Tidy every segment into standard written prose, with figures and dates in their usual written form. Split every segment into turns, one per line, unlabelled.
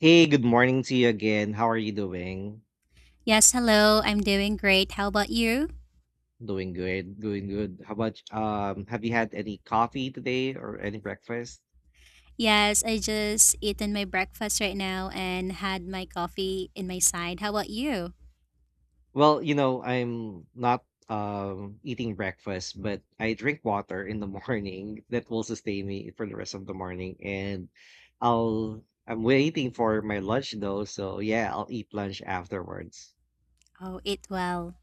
Hey, good morning to you again. How are you doing?
Yes, hello. I'm doing great. How about you?
Doing good, doing good. How about have you had any coffee today or any breakfast?
Yes, I just eaten my breakfast right now and had my coffee in my side. How about you?
Well, you know, I'm not eating breakfast, but I drink water in the morning that will sustain me for the rest of the morning, and I'm waiting for my lunch though, so yeah, I'll eat lunch afterwards.
Oh, eat well.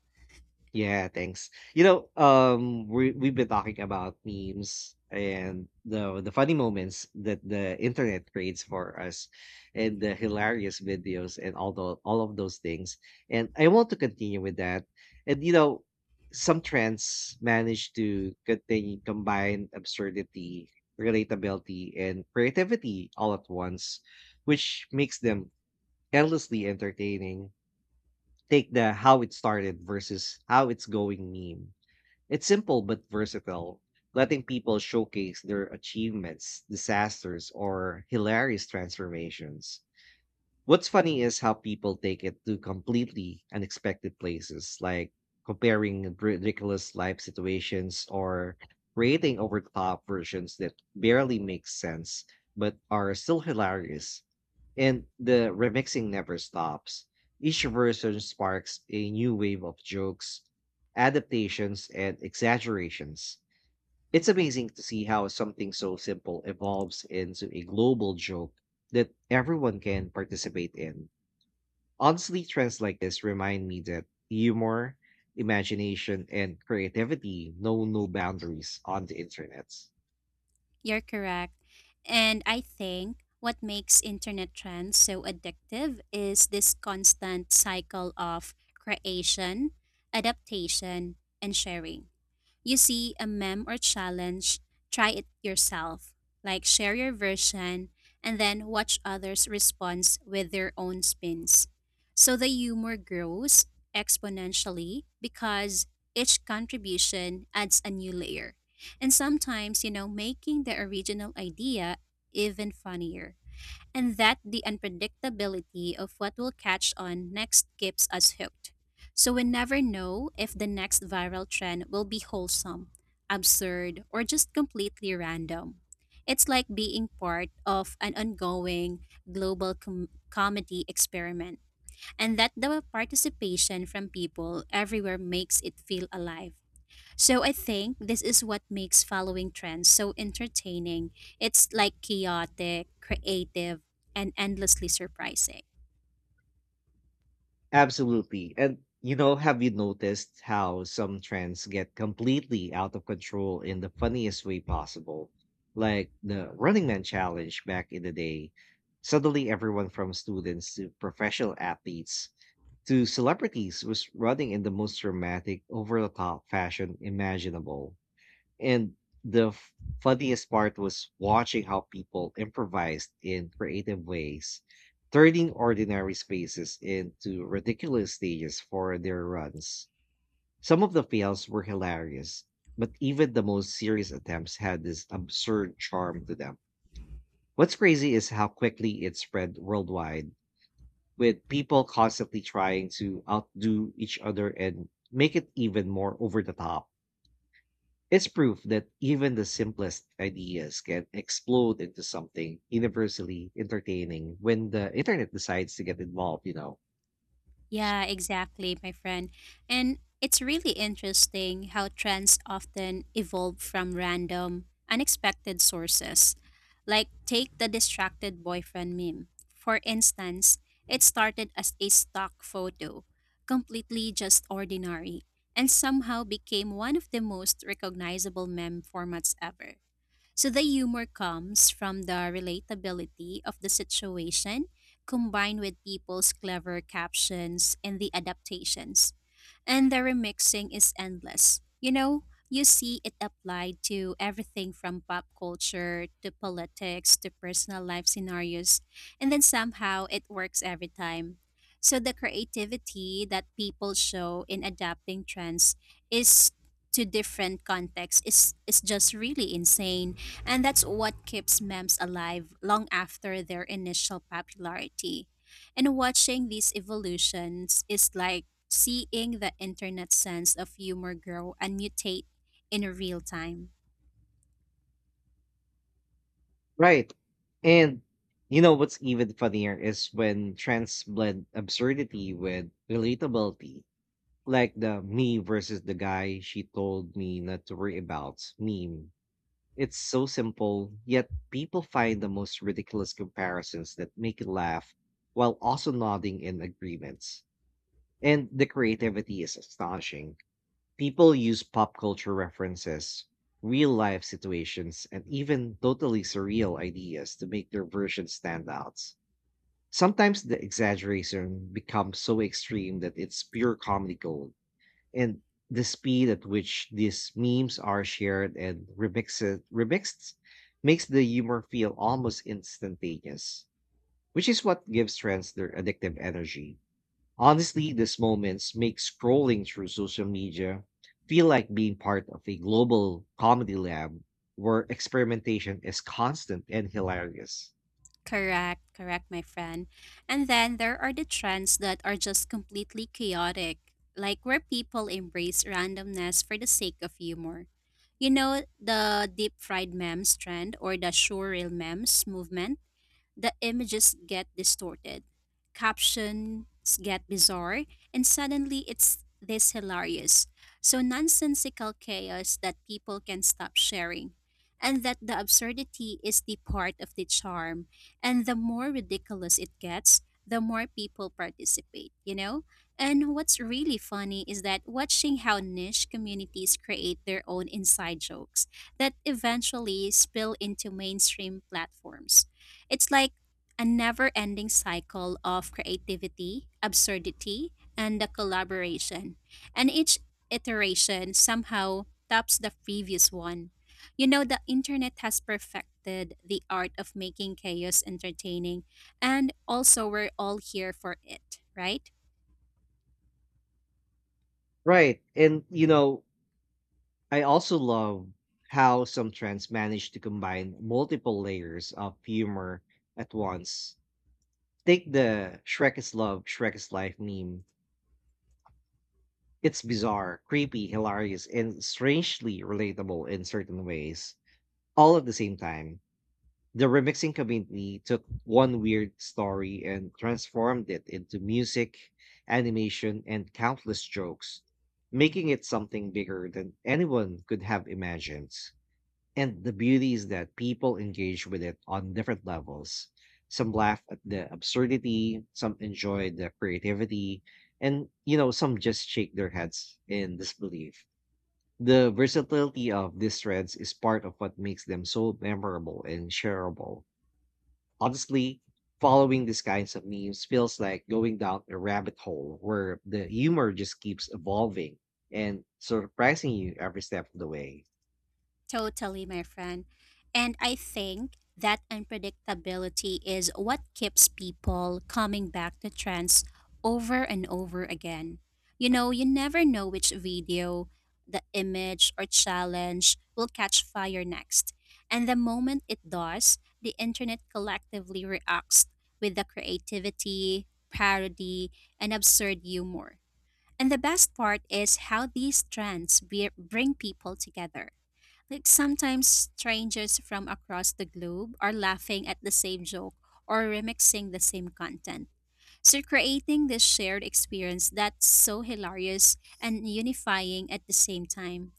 Yeah, thanks. You know, we've been talking about memes and the funny moments that the internet creates for us, and the hilarious videos and all of those things. And I want to continue with that. And you know, some trends manage to continue combine absurdity, relatability, and creativity all at once, which makes them endlessly entertaining. Take the "how it started" versus "how it's going" meme. It's simple but versatile, letting people showcase their achievements, disasters, or hilarious transformations. What's funny is how people take it to completely unexpected places, like comparing ridiculous life situations or creating over the top versions that barely make sense but are still hilarious. And the remixing never stops. Each version sparks a new wave of jokes, adaptations, and exaggerations. It's amazing to see how something so simple evolves into a global joke that everyone can participate in. Honestly, trends like this remind me that humor, imagination, and creativity know no boundaries on the internet.
You're correct. And I think what makes internet trends so addictive is this constant cycle of creation, adaptation, and sharing. You see a meme or challenge, try it yourself. Like share your version and then watch others respond with their own spins. So the humor grows exponentially because each contribution adds a new layer. And sometimes, you know, making the original idea even funnier, and that the unpredictability of what will catch on next keeps us hooked. So we never know if the next viral trend will be wholesome, absurd, or just completely random. It's like being part of an ongoing global comedy experiment, and that the participation from people everywhere makes it feel alive. So I think this is what makes following trends so entertaining. It's like chaotic, creative, and endlessly surprising.
Absolutely. And you know, have you noticed how some trends get completely out of control in the funniest way possible? Like the Running Man challenge back in the day. Suddenly, everyone from students to professional athletes to celebrities was running in the most dramatic, over the top fashion imaginable. And the f- funniest part was watching how people improvised in creative ways, turning ordinary spaces into ridiculous stages for their runs. Some of the fails were hilarious, but even the most serious attempts had this absurd charm to them. What's crazy is how quickly it spread worldwide, with people constantly trying to outdo each other and make it even more over the top. It's proof that even the simplest ideas can explode into something universally entertaining when the internet decides to get involved.
Yeah, exactly, my friend. And it's really interesting how trends often evolve from random, unexpected sources. Like, take the distracted boyfriend meme. For instance, it started as a stock photo, completely just ordinary, and somehow became one of the most recognizable meme formats ever. So the humor comes from the relatability of the situation combined with people's clever captions and the adaptations. And the remixing is endless. You know, you see it applied to everything from pop culture to politics to personal life scenarios, and then somehow it works every time. So the creativity that people show in adapting trends is to different contexts is just really insane, and that's what keeps memes alive long after their initial popularity. And watching these evolutions is like seeing the internet sense of humor grow and mutate in real time.
Right. And you know what's even funnier is when trends blend absurdity with relatability, like the me versus the guy she told me not to worry about meme. It's so simple, yet people find the most ridiculous comparisons that make you laugh while also nodding in agreements. And the creativity is astonishing. People use pop culture references, real life situations, and even totally surreal ideas to make their version stand out. Sometimes the exaggeration becomes so extreme that it's pure comedy gold. And the speed at which these memes are shared and remixed, remixed makes the humor feel almost instantaneous, which is what gives trends their addictive energy. Honestly, these moments make scrolling through social media feel like being part of a global comedy lab where experimentation is constant and hilarious.
Correct, correct, my friend. And then there are the trends that are just completely chaotic, like where people embrace randomness for the sake of humor. You know, the deep fried memes trend or the surreal memes movement? The images get distorted, captions get bizarre, and suddenly it's this hilarious, so nonsensical chaos that people can stop sharing. And that the absurdity is the part of the charm. And the more ridiculous it gets, the more people participate, you know? And what's really funny is that watching how niche communities create their own inside jokes that eventually spill into mainstream platforms. It's like a never ending cycle of creativity, absurdity, and the collaboration. And each iteration somehow tops the previous one. You know, the internet has perfected the art of making chaos entertaining, and also we're all here for it, right?
Right. And, you know, I also love how some trends manage to combine multiple layers of humor at once. Take the Shrek is Love, Shrek is Life meme. It's bizarre, creepy, hilarious, and strangely relatable in certain ways, all at the same time. The remixing community took one weird story and transformed it into music, animation, and countless jokes, making it something bigger than anyone could have imagined. And the beauty is that people engage with it on different levels. Some laugh at the absurdity, some enjoy the creativity, and some just shake their heads in disbelief. The versatility of these threads is part of what makes them so memorable and shareable. Honestly, following these kinds of memes feels like going down a rabbit hole where the humor just keeps evolving and surprising you every step of the way.
Totally, my friend. And I think that unpredictability is what keeps people coming back to trends over and over again. You know, you never know which video, the image, or challenge will catch fire next. And the moment it does, the internet collectively reacts with the creativity, parody, and absurd humor. And the best part is how these trends bring people together, like sometimes strangers from across the globe are laughing at the same joke or remixing the same content. So creating this shared experience that's so hilarious and unifying at the same time,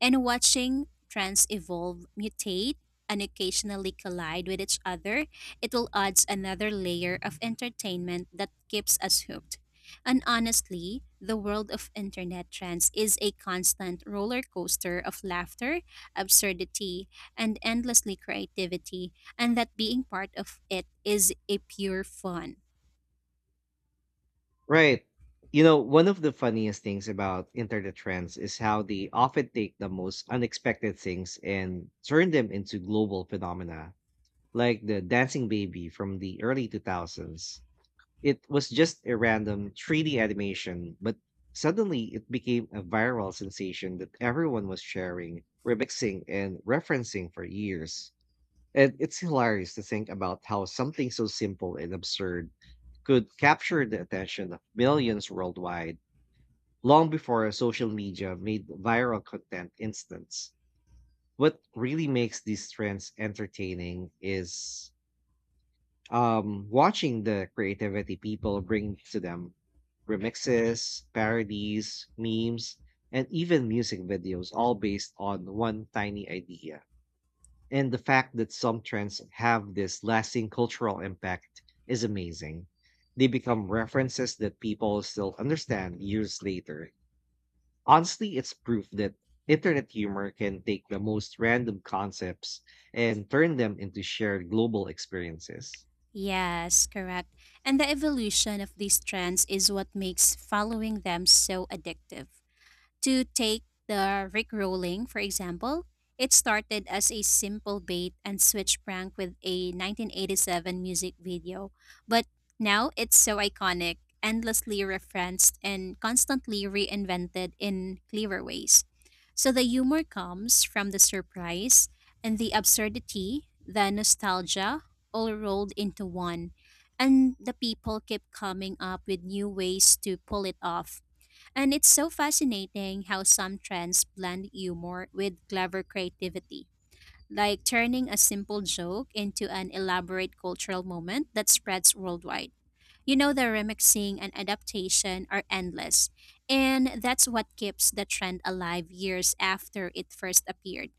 and watching trends evolve, mutate, and occasionally collide with each other, it will adds another layer of entertainment that keeps us hooked. And honestly, the world of internet trends is a constant roller coaster of laughter, absurdity, and endlessly creativity, and that being part of it is a pure fun.
Right. You know, one of the funniest things about internet trends is how they often take the most unexpected things and turn them into global phenomena, like the dancing baby from the early 2000s. It was just a random 3D animation, but suddenly it became a viral sensation that everyone was sharing, remixing, and referencing for years. And it's hilarious to think about how something so simple and absurd could capture the attention of millions worldwide long before social media made viral content instant. What really makes these trends entertaining is watching the creativity people bring to them: remixes, parodies, memes, and even music videos, all based on one tiny idea. And the fact that some trends have this lasting cultural impact is amazing. They become references that people still understand years later. Honestly, it's proof that internet humor can take the most random concepts and turn them into shared global experiences.
Yes, correct. And the evolution of these trends is what makes following them so addictive. To take the Rickrolling, for example, it started as a simple bait and switch prank with a 1987 music video, but now it's so iconic, endlessly referenced, and constantly reinvented in clever ways. So the humor comes from the surprise and the absurdity, the nostalgia, all rolled into one. And the people keep coming up with new ways to pull it off, and it's so fascinating how some trends blend humor with clever creativity, like turning a simple joke into an elaborate cultural moment that spreads worldwide. You know, the remixing and adaptation are endless, and that's what keeps the trend alive years after it first appeared.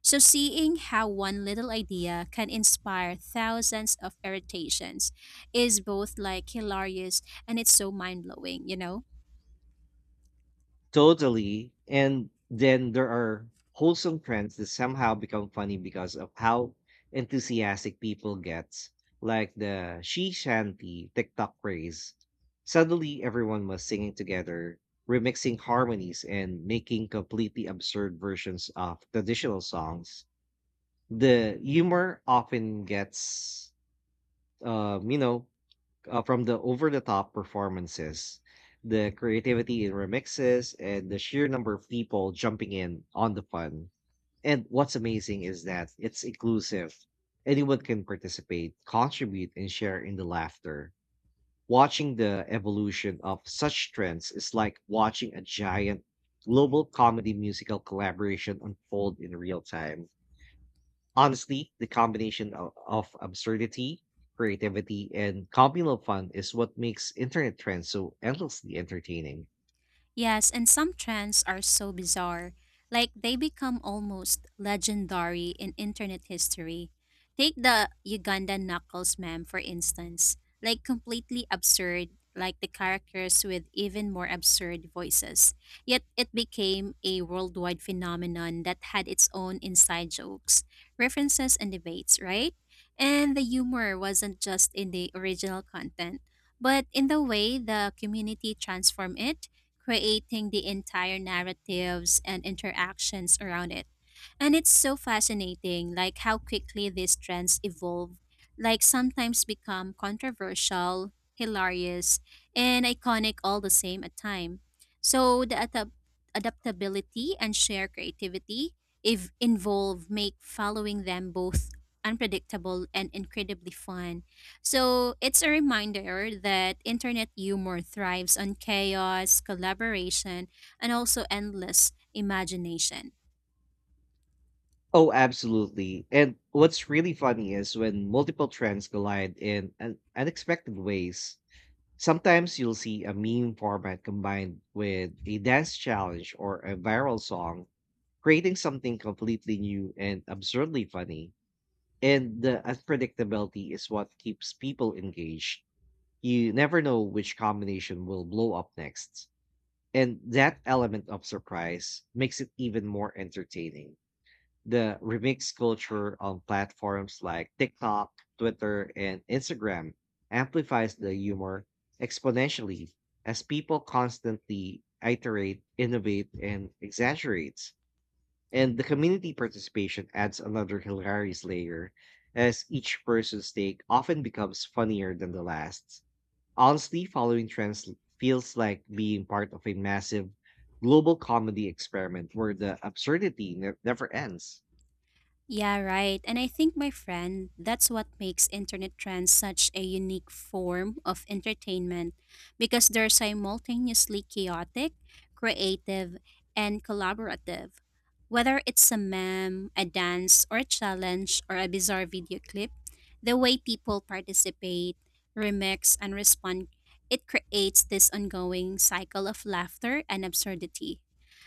So, seeing how one little idea can inspire thousands of irritations is both like hilarious, and it's so mind blowing, you know?
Totally. And then there are wholesome trends that somehow become funny because of how enthusiastic people get, like the she shanty TikTok craze. Suddenly, everyone was singing together, remixing harmonies and making completely absurd versions of traditional songs. The humor often gets, um, you know, from the over the top performances, the creativity in remixes, and the sheer number of people jumping in on the fun. And what's amazing is that it's inclusive. Anyone can participate, contribute, and share in the laughter. Watching the evolution of such trends is like watching a giant global comedy musical collaboration unfold in real time. Honestly, the combination of absurdity, creativity, and communal fun is what makes internet trends so endlessly entertaining.
Yes, and some trends are so bizarre, like they become almost legendary in internet history. Take the Uganda Knuckles meme, for instance, like completely absurd, like the characters with even more absurd voices. Yet it became a worldwide phenomenon that had its own inside jokes, references, and debates, right? And the humor wasn't just in the original content, but in the way the community transformed it, creating the entire narratives and interactions around it. And it's so fascinating, like how quickly these trends evolve, like sometimes become controversial, hilarious, and iconic all the same at time. So the adaptability and shared creativity if involved make following them both unpredictable and incredibly fun. So it's a reminder that internet humor thrives on chaos, collaboration, and also endless imagination.
Oh, absolutely. And what's really funny is when multiple trends collide in unexpected ways. Sometimes you'll see a meme format combined with a dance challenge or a viral song, creating something completely new and absurdly funny. And the unpredictability is what keeps people engaged. You never know which combination will blow up next. And that element of surprise makes it even more entertaining. The remix culture on platforms like TikTok, Twitter, and Instagram amplifies the humor exponentially as people constantly iterate, innovate, and exaggerate. And the community participation adds another hilarious layer, as each person's take often becomes funnier than the last. Honestly, following trends feels like being part of a massive global comedy experiment where the absurdity never ends.
Yeah, right. And I think, my friend, that's what makes internet trends such a unique form of entertainment because they're simultaneously chaotic, creative, and collaborative. Whether it's a meme, a dance, or a challenge, or a bizarre video clip, the way people participate, remix, and respond, it creates this ongoing cycle of laughter and absurdity.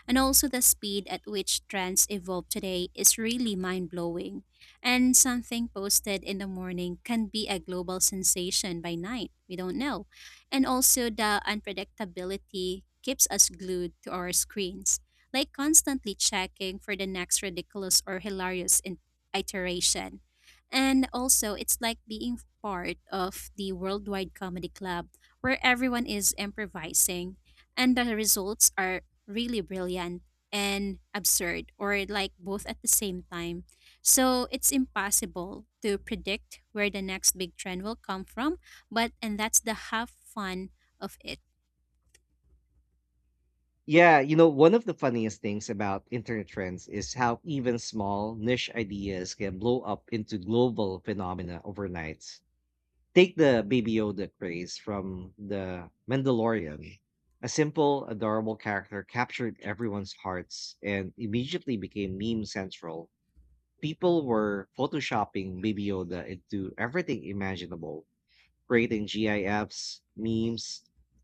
And also, the speed at which trends evolve today is really mind blowing. And something posted in the morning can be a global sensation by night. We don't know. And also, the unpredictability keeps us glued to our screens, like constantly checking for the next ridiculous or hilarious iteration. And also, it's like being part of the worldwide comedy club where everyone is improvising and the results are really brilliant and absurd or like both at the same time. So it's impossible to predict where the next big trend will come from, but and that's the half fun of it.
Yeah, you know, one of the funniest things about internet trends is how even small niche ideas can blow up into global phenomena overnight. Take the Baby Yoda craze from The Mandalorian. A simple, adorable character captured everyone's hearts and immediately became meme central. People were photoshopping Baby Yoda into everything imaginable, creating GIFs, memes,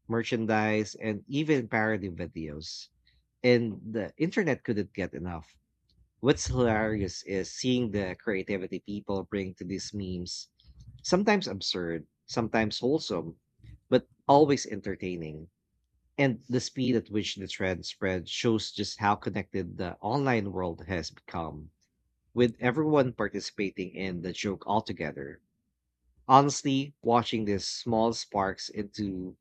merchandise, and even parody videos. And the internet couldn't get enough. What's hilarious is seeing the creativity people bring to these memes, sometimes absurd, sometimes wholesome, but always entertaining. And the speed at which the trend spread shows just how connected the online world has become, with everyone participating in the joke altogether. Honestly, watching these small sparks into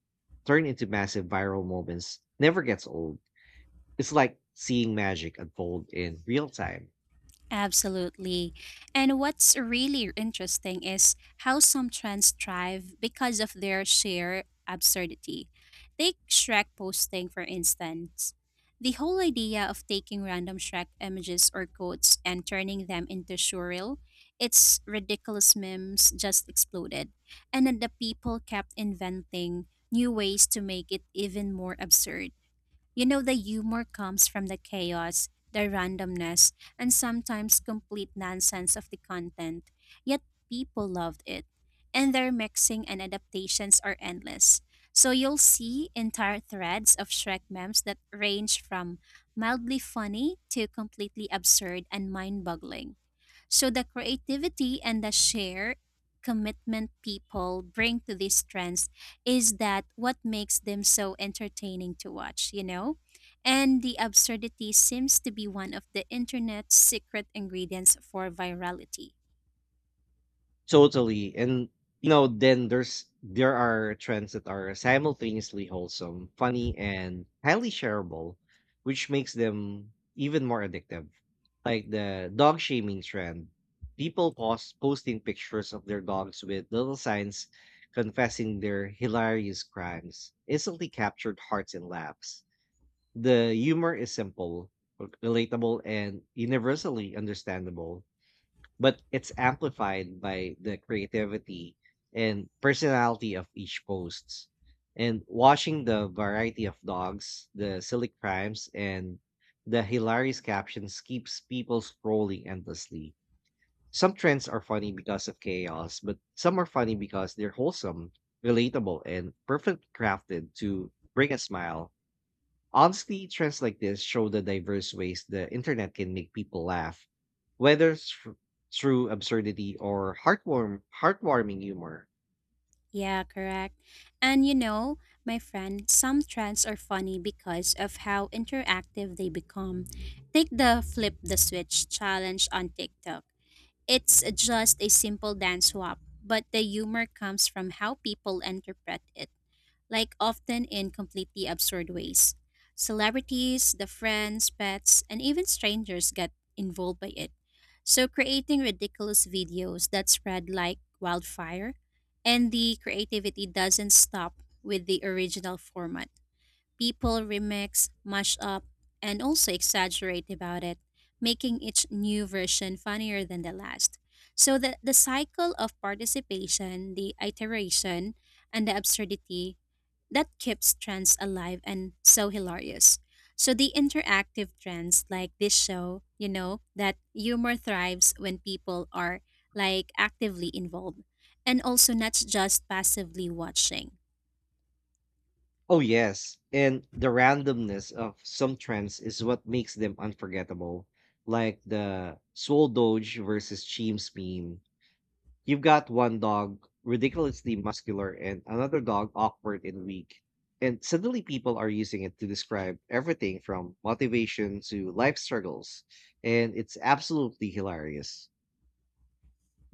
turn into massive viral moments never gets old. It's like seeing magic unfold in real time.
Absolutely. And what's really interesting is how some trends thrive because of their sheer absurdity. Take Shrek posting, for instance. The whole idea of taking random Shrek images or quotes and turning them into surreal, its ridiculous memes just exploded. And then the people kept inventing new ways to make it even more absurd. You know, the humor comes from the chaos, the randomness, and sometimes complete nonsense of the content, yet people loved it. And their mixing and adaptations are endless. So you'll see entire threads of Shrek memes that range from mildly funny to completely absurd and mind boggling. So the creativity and the shared commitment people bring to these trends is that what makes them so entertaining to watch, you know? And the absurdity seems to be one of the internet's secret ingredients for virality.
Totally. And you know, then there are trends that are simultaneously wholesome, funny, and highly shareable, which makes them even more addictive. Like the dog shaming trend. People posting pictures of their dogs with little signs confessing their hilarious crimes, instantly captured hearts and laughs. The humor is simple, relatable, and universally understandable, but it's amplified by the creativity and personality of each posts. And watching the variety of dogs, the silly crimes, and the hilarious captions keeps people scrolling endlessly. Some trends are funny because of chaos, but some are funny because they're wholesome, relatable, and perfectly crafted to bring a smile. Honestly, trends like this show the diverse ways the internet can make people laugh, whether through absurdity or heartwarming humor.
Yeah, correct. And you know, my friend, some trends are funny because of how interactive they become. Take the flip the switch challenge on TikTok. It's just a simple dance swap, but the humor comes from how people interpret it, like often in completely absurd ways. Celebrities, the friends, pets, and even strangers get involved by it. So, creating ridiculous videos that spread like wildfire, and the creativity doesn't stop with the original format. People remix, mash up, and also exaggerate about it, making each new version funnier than the last. So the cycle of participation, the iteration, and the absurdity that keeps trends alive and so hilarious. So the interactive trends like this show, you know, that humor thrives when people are like actively involved and also not just passively watching.
Oh, yes. And the randomness of some trends is what makes them unforgettable, like the Soul Doge versus Cheems meme. You've got one dog ridiculously muscular and another dog awkward and weak. And suddenly people are using it to describe everything from motivation to life struggles. And it's absolutely hilarious.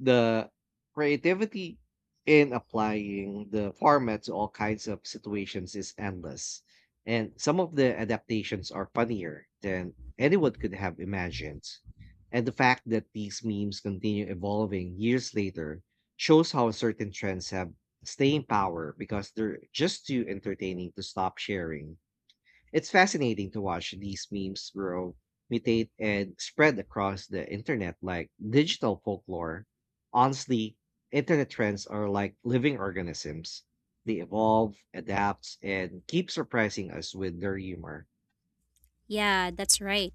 The creativity in applying the format to all kinds of situations is endless. And some of the adaptations are funnier than anyone could have imagined. And the fact that these memes continue evolving years later shows how certain trends have staying power because they're just too entertaining to stop sharing. It's fascinating to watch these memes grow, mutate, and spread across the internet like digital folklore. Honestly, internet trends are like living organisms. They evolve, adapt, and keep surprising us with their humor.
Yeah, that's right.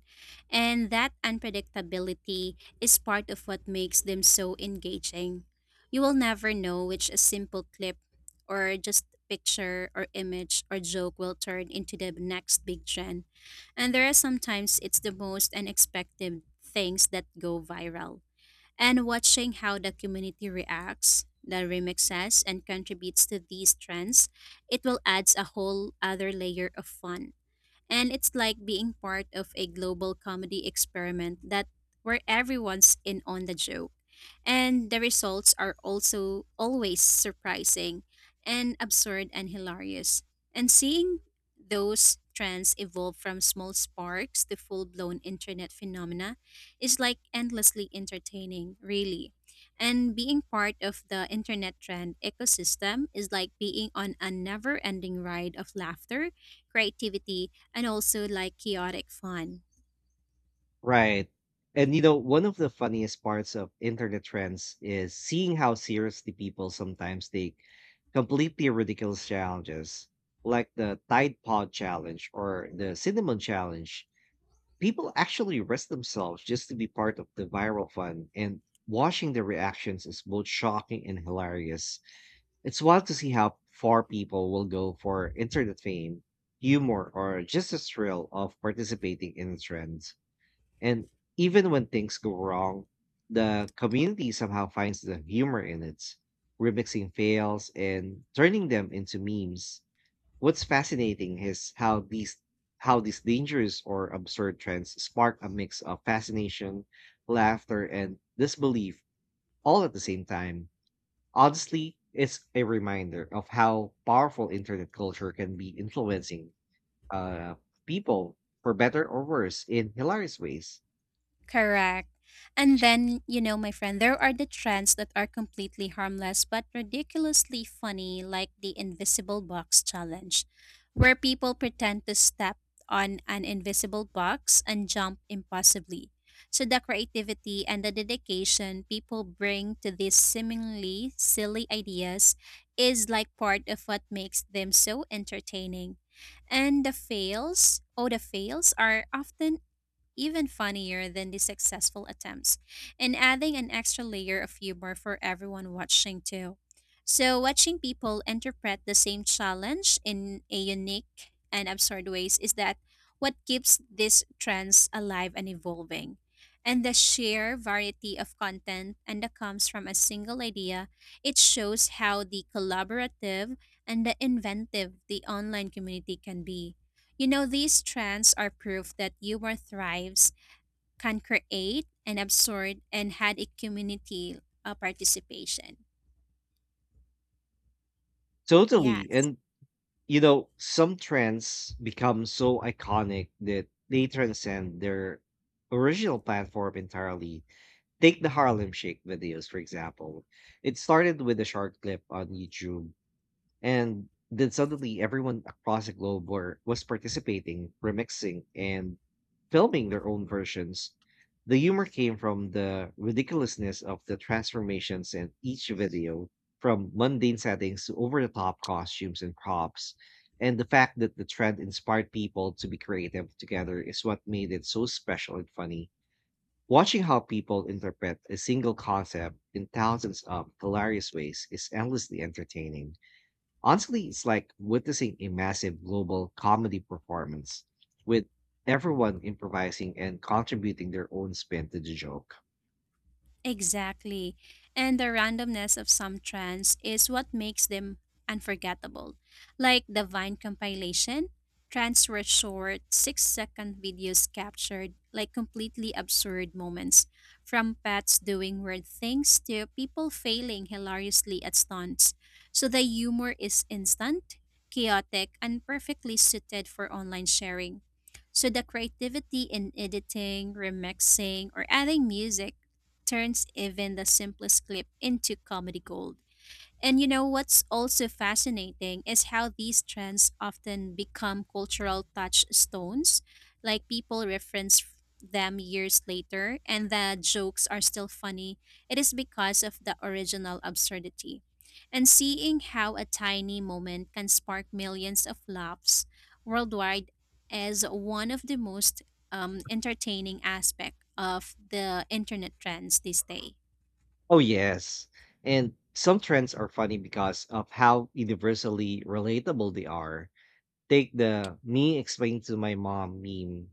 And that unpredictability is part of what makes them so engaging. You will never know which a simple clip or just picture or image or joke will turn into the next big trend. And there are sometimes it's the most unexpected things that go viral. And watching how the community reacts, the remixes, and contributes to these trends, it will adds a whole other layer of fun. And it's like being part of a global comedy experiment that where everyone's in on the joke and the results are also always surprising and absurd and hilarious. And seeing those trends evolve from small sparks to full blown internet phenomena is like endlessly entertaining, really. And being part of the internet trend ecosystem is like being on a never ending ride of laughter, creativity, and also like chaotic fun.
Right. And you know, one of the funniest parts of internet trends is seeing how seriously people sometimes take completely ridiculous challenges, like the Tide Pod challenge or the Cinnamon challenge. People actually risk themselves just to be part of the viral fun, and watching their reactions is both shocking and hilarious. It's wild to see how far people will go for internet fame, humor, or just the thrill of participating in a trend. And even when things go wrong, the community somehow finds the humor in it, remixing fails and turning them into memes. What's fascinating is how these dangerous or absurd trends spark a mix of fascination, laughter, and disbelief all at the same time. Honestly, it's a reminder of how powerful internet culture can be, influencing uh, people for better or worse in hilarious ways.
Correct. And then, you know, my friend, there are the trends that are completely harmless but ridiculously funny, like the invisible box challenge, where people pretend to step on an invisible box and jump impossibly. So, the creativity and the dedication people bring to these seemingly silly ideas is like part of what makes them so entertaining. And the fails, oh, the fails are often even funnier than the successful attempts, and adding an extra layer of humor for everyone watching too. So, watching people interpret the same challenge in a unique and absurd ways is that what keeps these trends alive and evolving. And the sheer variety of content and that comes from a single idea, it shows how the collaborative and the inventive the online community can be. You know, these trends are proof that humor thrives, can create and absorb, and had a community participation. Yeah.
Totally. And you know, some trends become so iconic that they transcend their original platform entirely. Take the Harlem Shake videos, for example. It started with a short clip on YouTube, and then suddenly everyone across the globe was participating, remixing, and filming their own versions. The humor came from the ridiculousness of the transformations in each video, from mundane settings to over the top costumes and props. And the fact that the trend inspired people to be creative together is what made it so special and funny. Watching how people interpret a single concept in thousands of hilarious ways is endlessly entertaining. Honestly, it's like witnessing a massive global comedy performance with everyone improvising and contributing their own spin to the joke.
Exactly. And the randomness of some trends is what makes them unforgettable. Like the Vine compilation, trends were short, 6 second videos captured like completely absurd moments, from pets doing weird things to people failing hilariously at stunts. So the humor is instant, chaotic, and perfectly suited for online sharing. So the creativity in editing, remixing, or adding music turns even the simplest clip into comedy gold. And you know what's also fascinating is how these trends often become cultural touchstones. Like people reference them years later and the jokes are still funny. It is because of the original absurdity. And seeing how a tiny moment can spark millions of laughs worldwide is one of the most entertaining aspect of the internet trends this day.
Oh, yes. And some trends are funny because of how universally relatable they are. Take the me explain to my mom meme.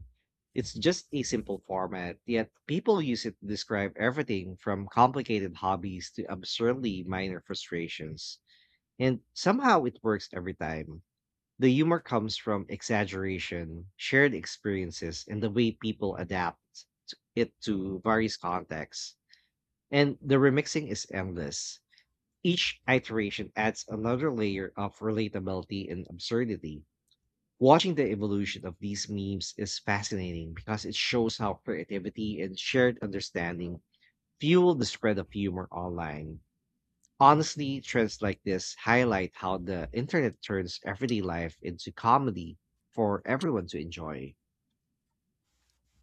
It's just a simple format, yet people use it to describe everything from complicated hobbies to absurdly minor frustrations. And somehow it works every time. The humor comes from exaggeration, shared experiences, and the way people adapt to various contexts. And the remixing is endless. Each iteration adds another layer of relatability and absurdity. Watching the evolution of these memes is fascinating because it shows how creativity and shared understanding fuel the spread of humor online. Honestly, trends like this highlight how the internet turns everyday life into comedy for everyone to enjoy.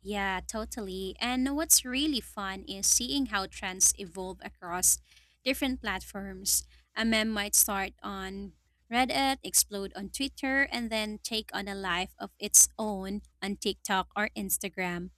Yeah, totally. And what's really fun is seeing how trends evolve across different platforms. A meme might start on Reddit, explode on Twitter, and then take on a life of its own on TikTok or Instagram,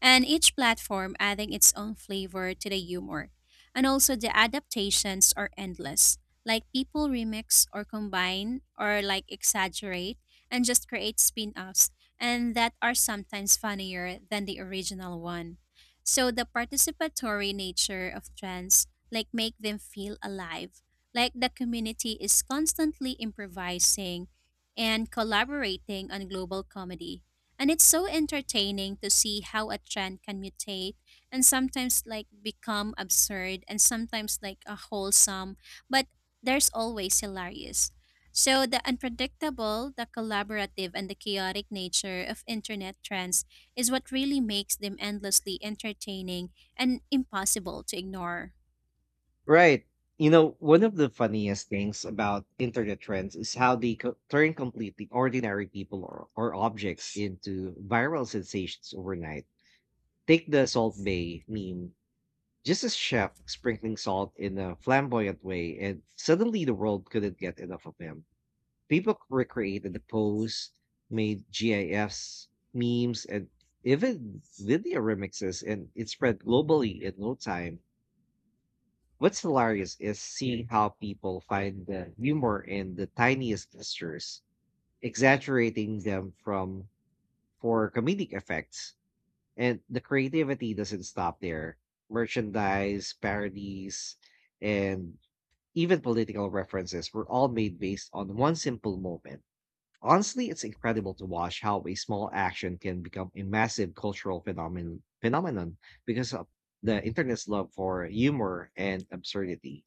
and each platform adding its own flavor to the humor. And also, the adaptations are endless. Like people remix or combine or like exaggerate and just create spin offs, and that are sometimes funnier than the original one. So, the participatory nature of trends like make them feel alive. Like the community is constantly improvising and collaborating on global comedy. And it's so entertaining to see how a trend can mutate and sometimes like become absurd and sometimes like a wholesome, but there's always hilarious. So the unpredictable, the collaborative and the chaotic nature of internet trends is what really makes them endlessly entertaining and impossible to ignore.
Right. You know, one of the funniest things about internet trends is how they turn completely ordinary people or objects into viral sensations overnight. Take the Salt Bay meme. Just a chef sprinkling salt in a flamboyant way, and suddenly the world couldn't get enough of him. People recreated the pose, made GIFs, memes, and even video remixes, and it spread globally in no time. What's hilarious is seeing how people find the humor in the tiniest gestures, exaggerating them from for comedic effects, and the creativity doesn't stop there. Merchandise, parodies, and even political references were all made based on one simple moment. Honestly, it's incredible to watch how a small action can become a massive cultural phenomenon because of the internet's love for humor and absurdity.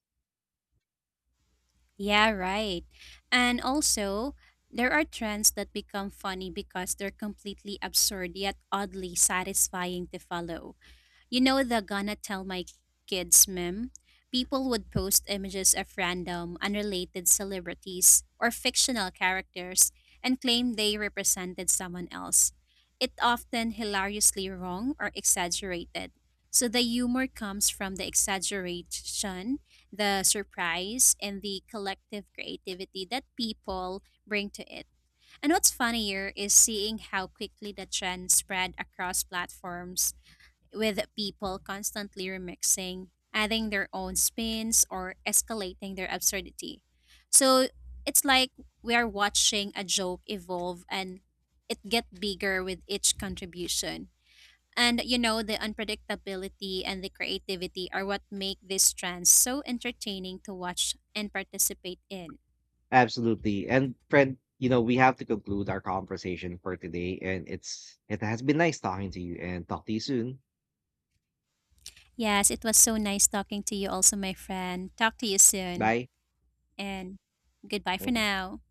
Yeah, right. And also, there are trends that become funny because they're completely absurd yet oddly satisfying to follow. You know the gonna tell my kids meme? People would post images of random, unrelated celebrities or fictional characters and claim they represented someone else. It often hilariously wrong or exaggerated. So the humor comes from the exaggeration, the surprise, and the collective creativity that people bring to it. And what's funnier is seeing how quickly the trend spread across platforms with people constantly remixing, adding their own spins, or escalating their absurdity. So it's like we are watching a joke evolve and it get bigger with each contribution. And you know, the unpredictability and the creativity are what make this trend so entertaining to watch and participate in.
Absolutely. And friend, you know, we have to conclude our conversation for today, and it has been nice talking to you and talk to you soon.
Yes, it was so nice talking to you also, my friend. Talk to you soon
Bye.
and goodbye for
Mhm.
now.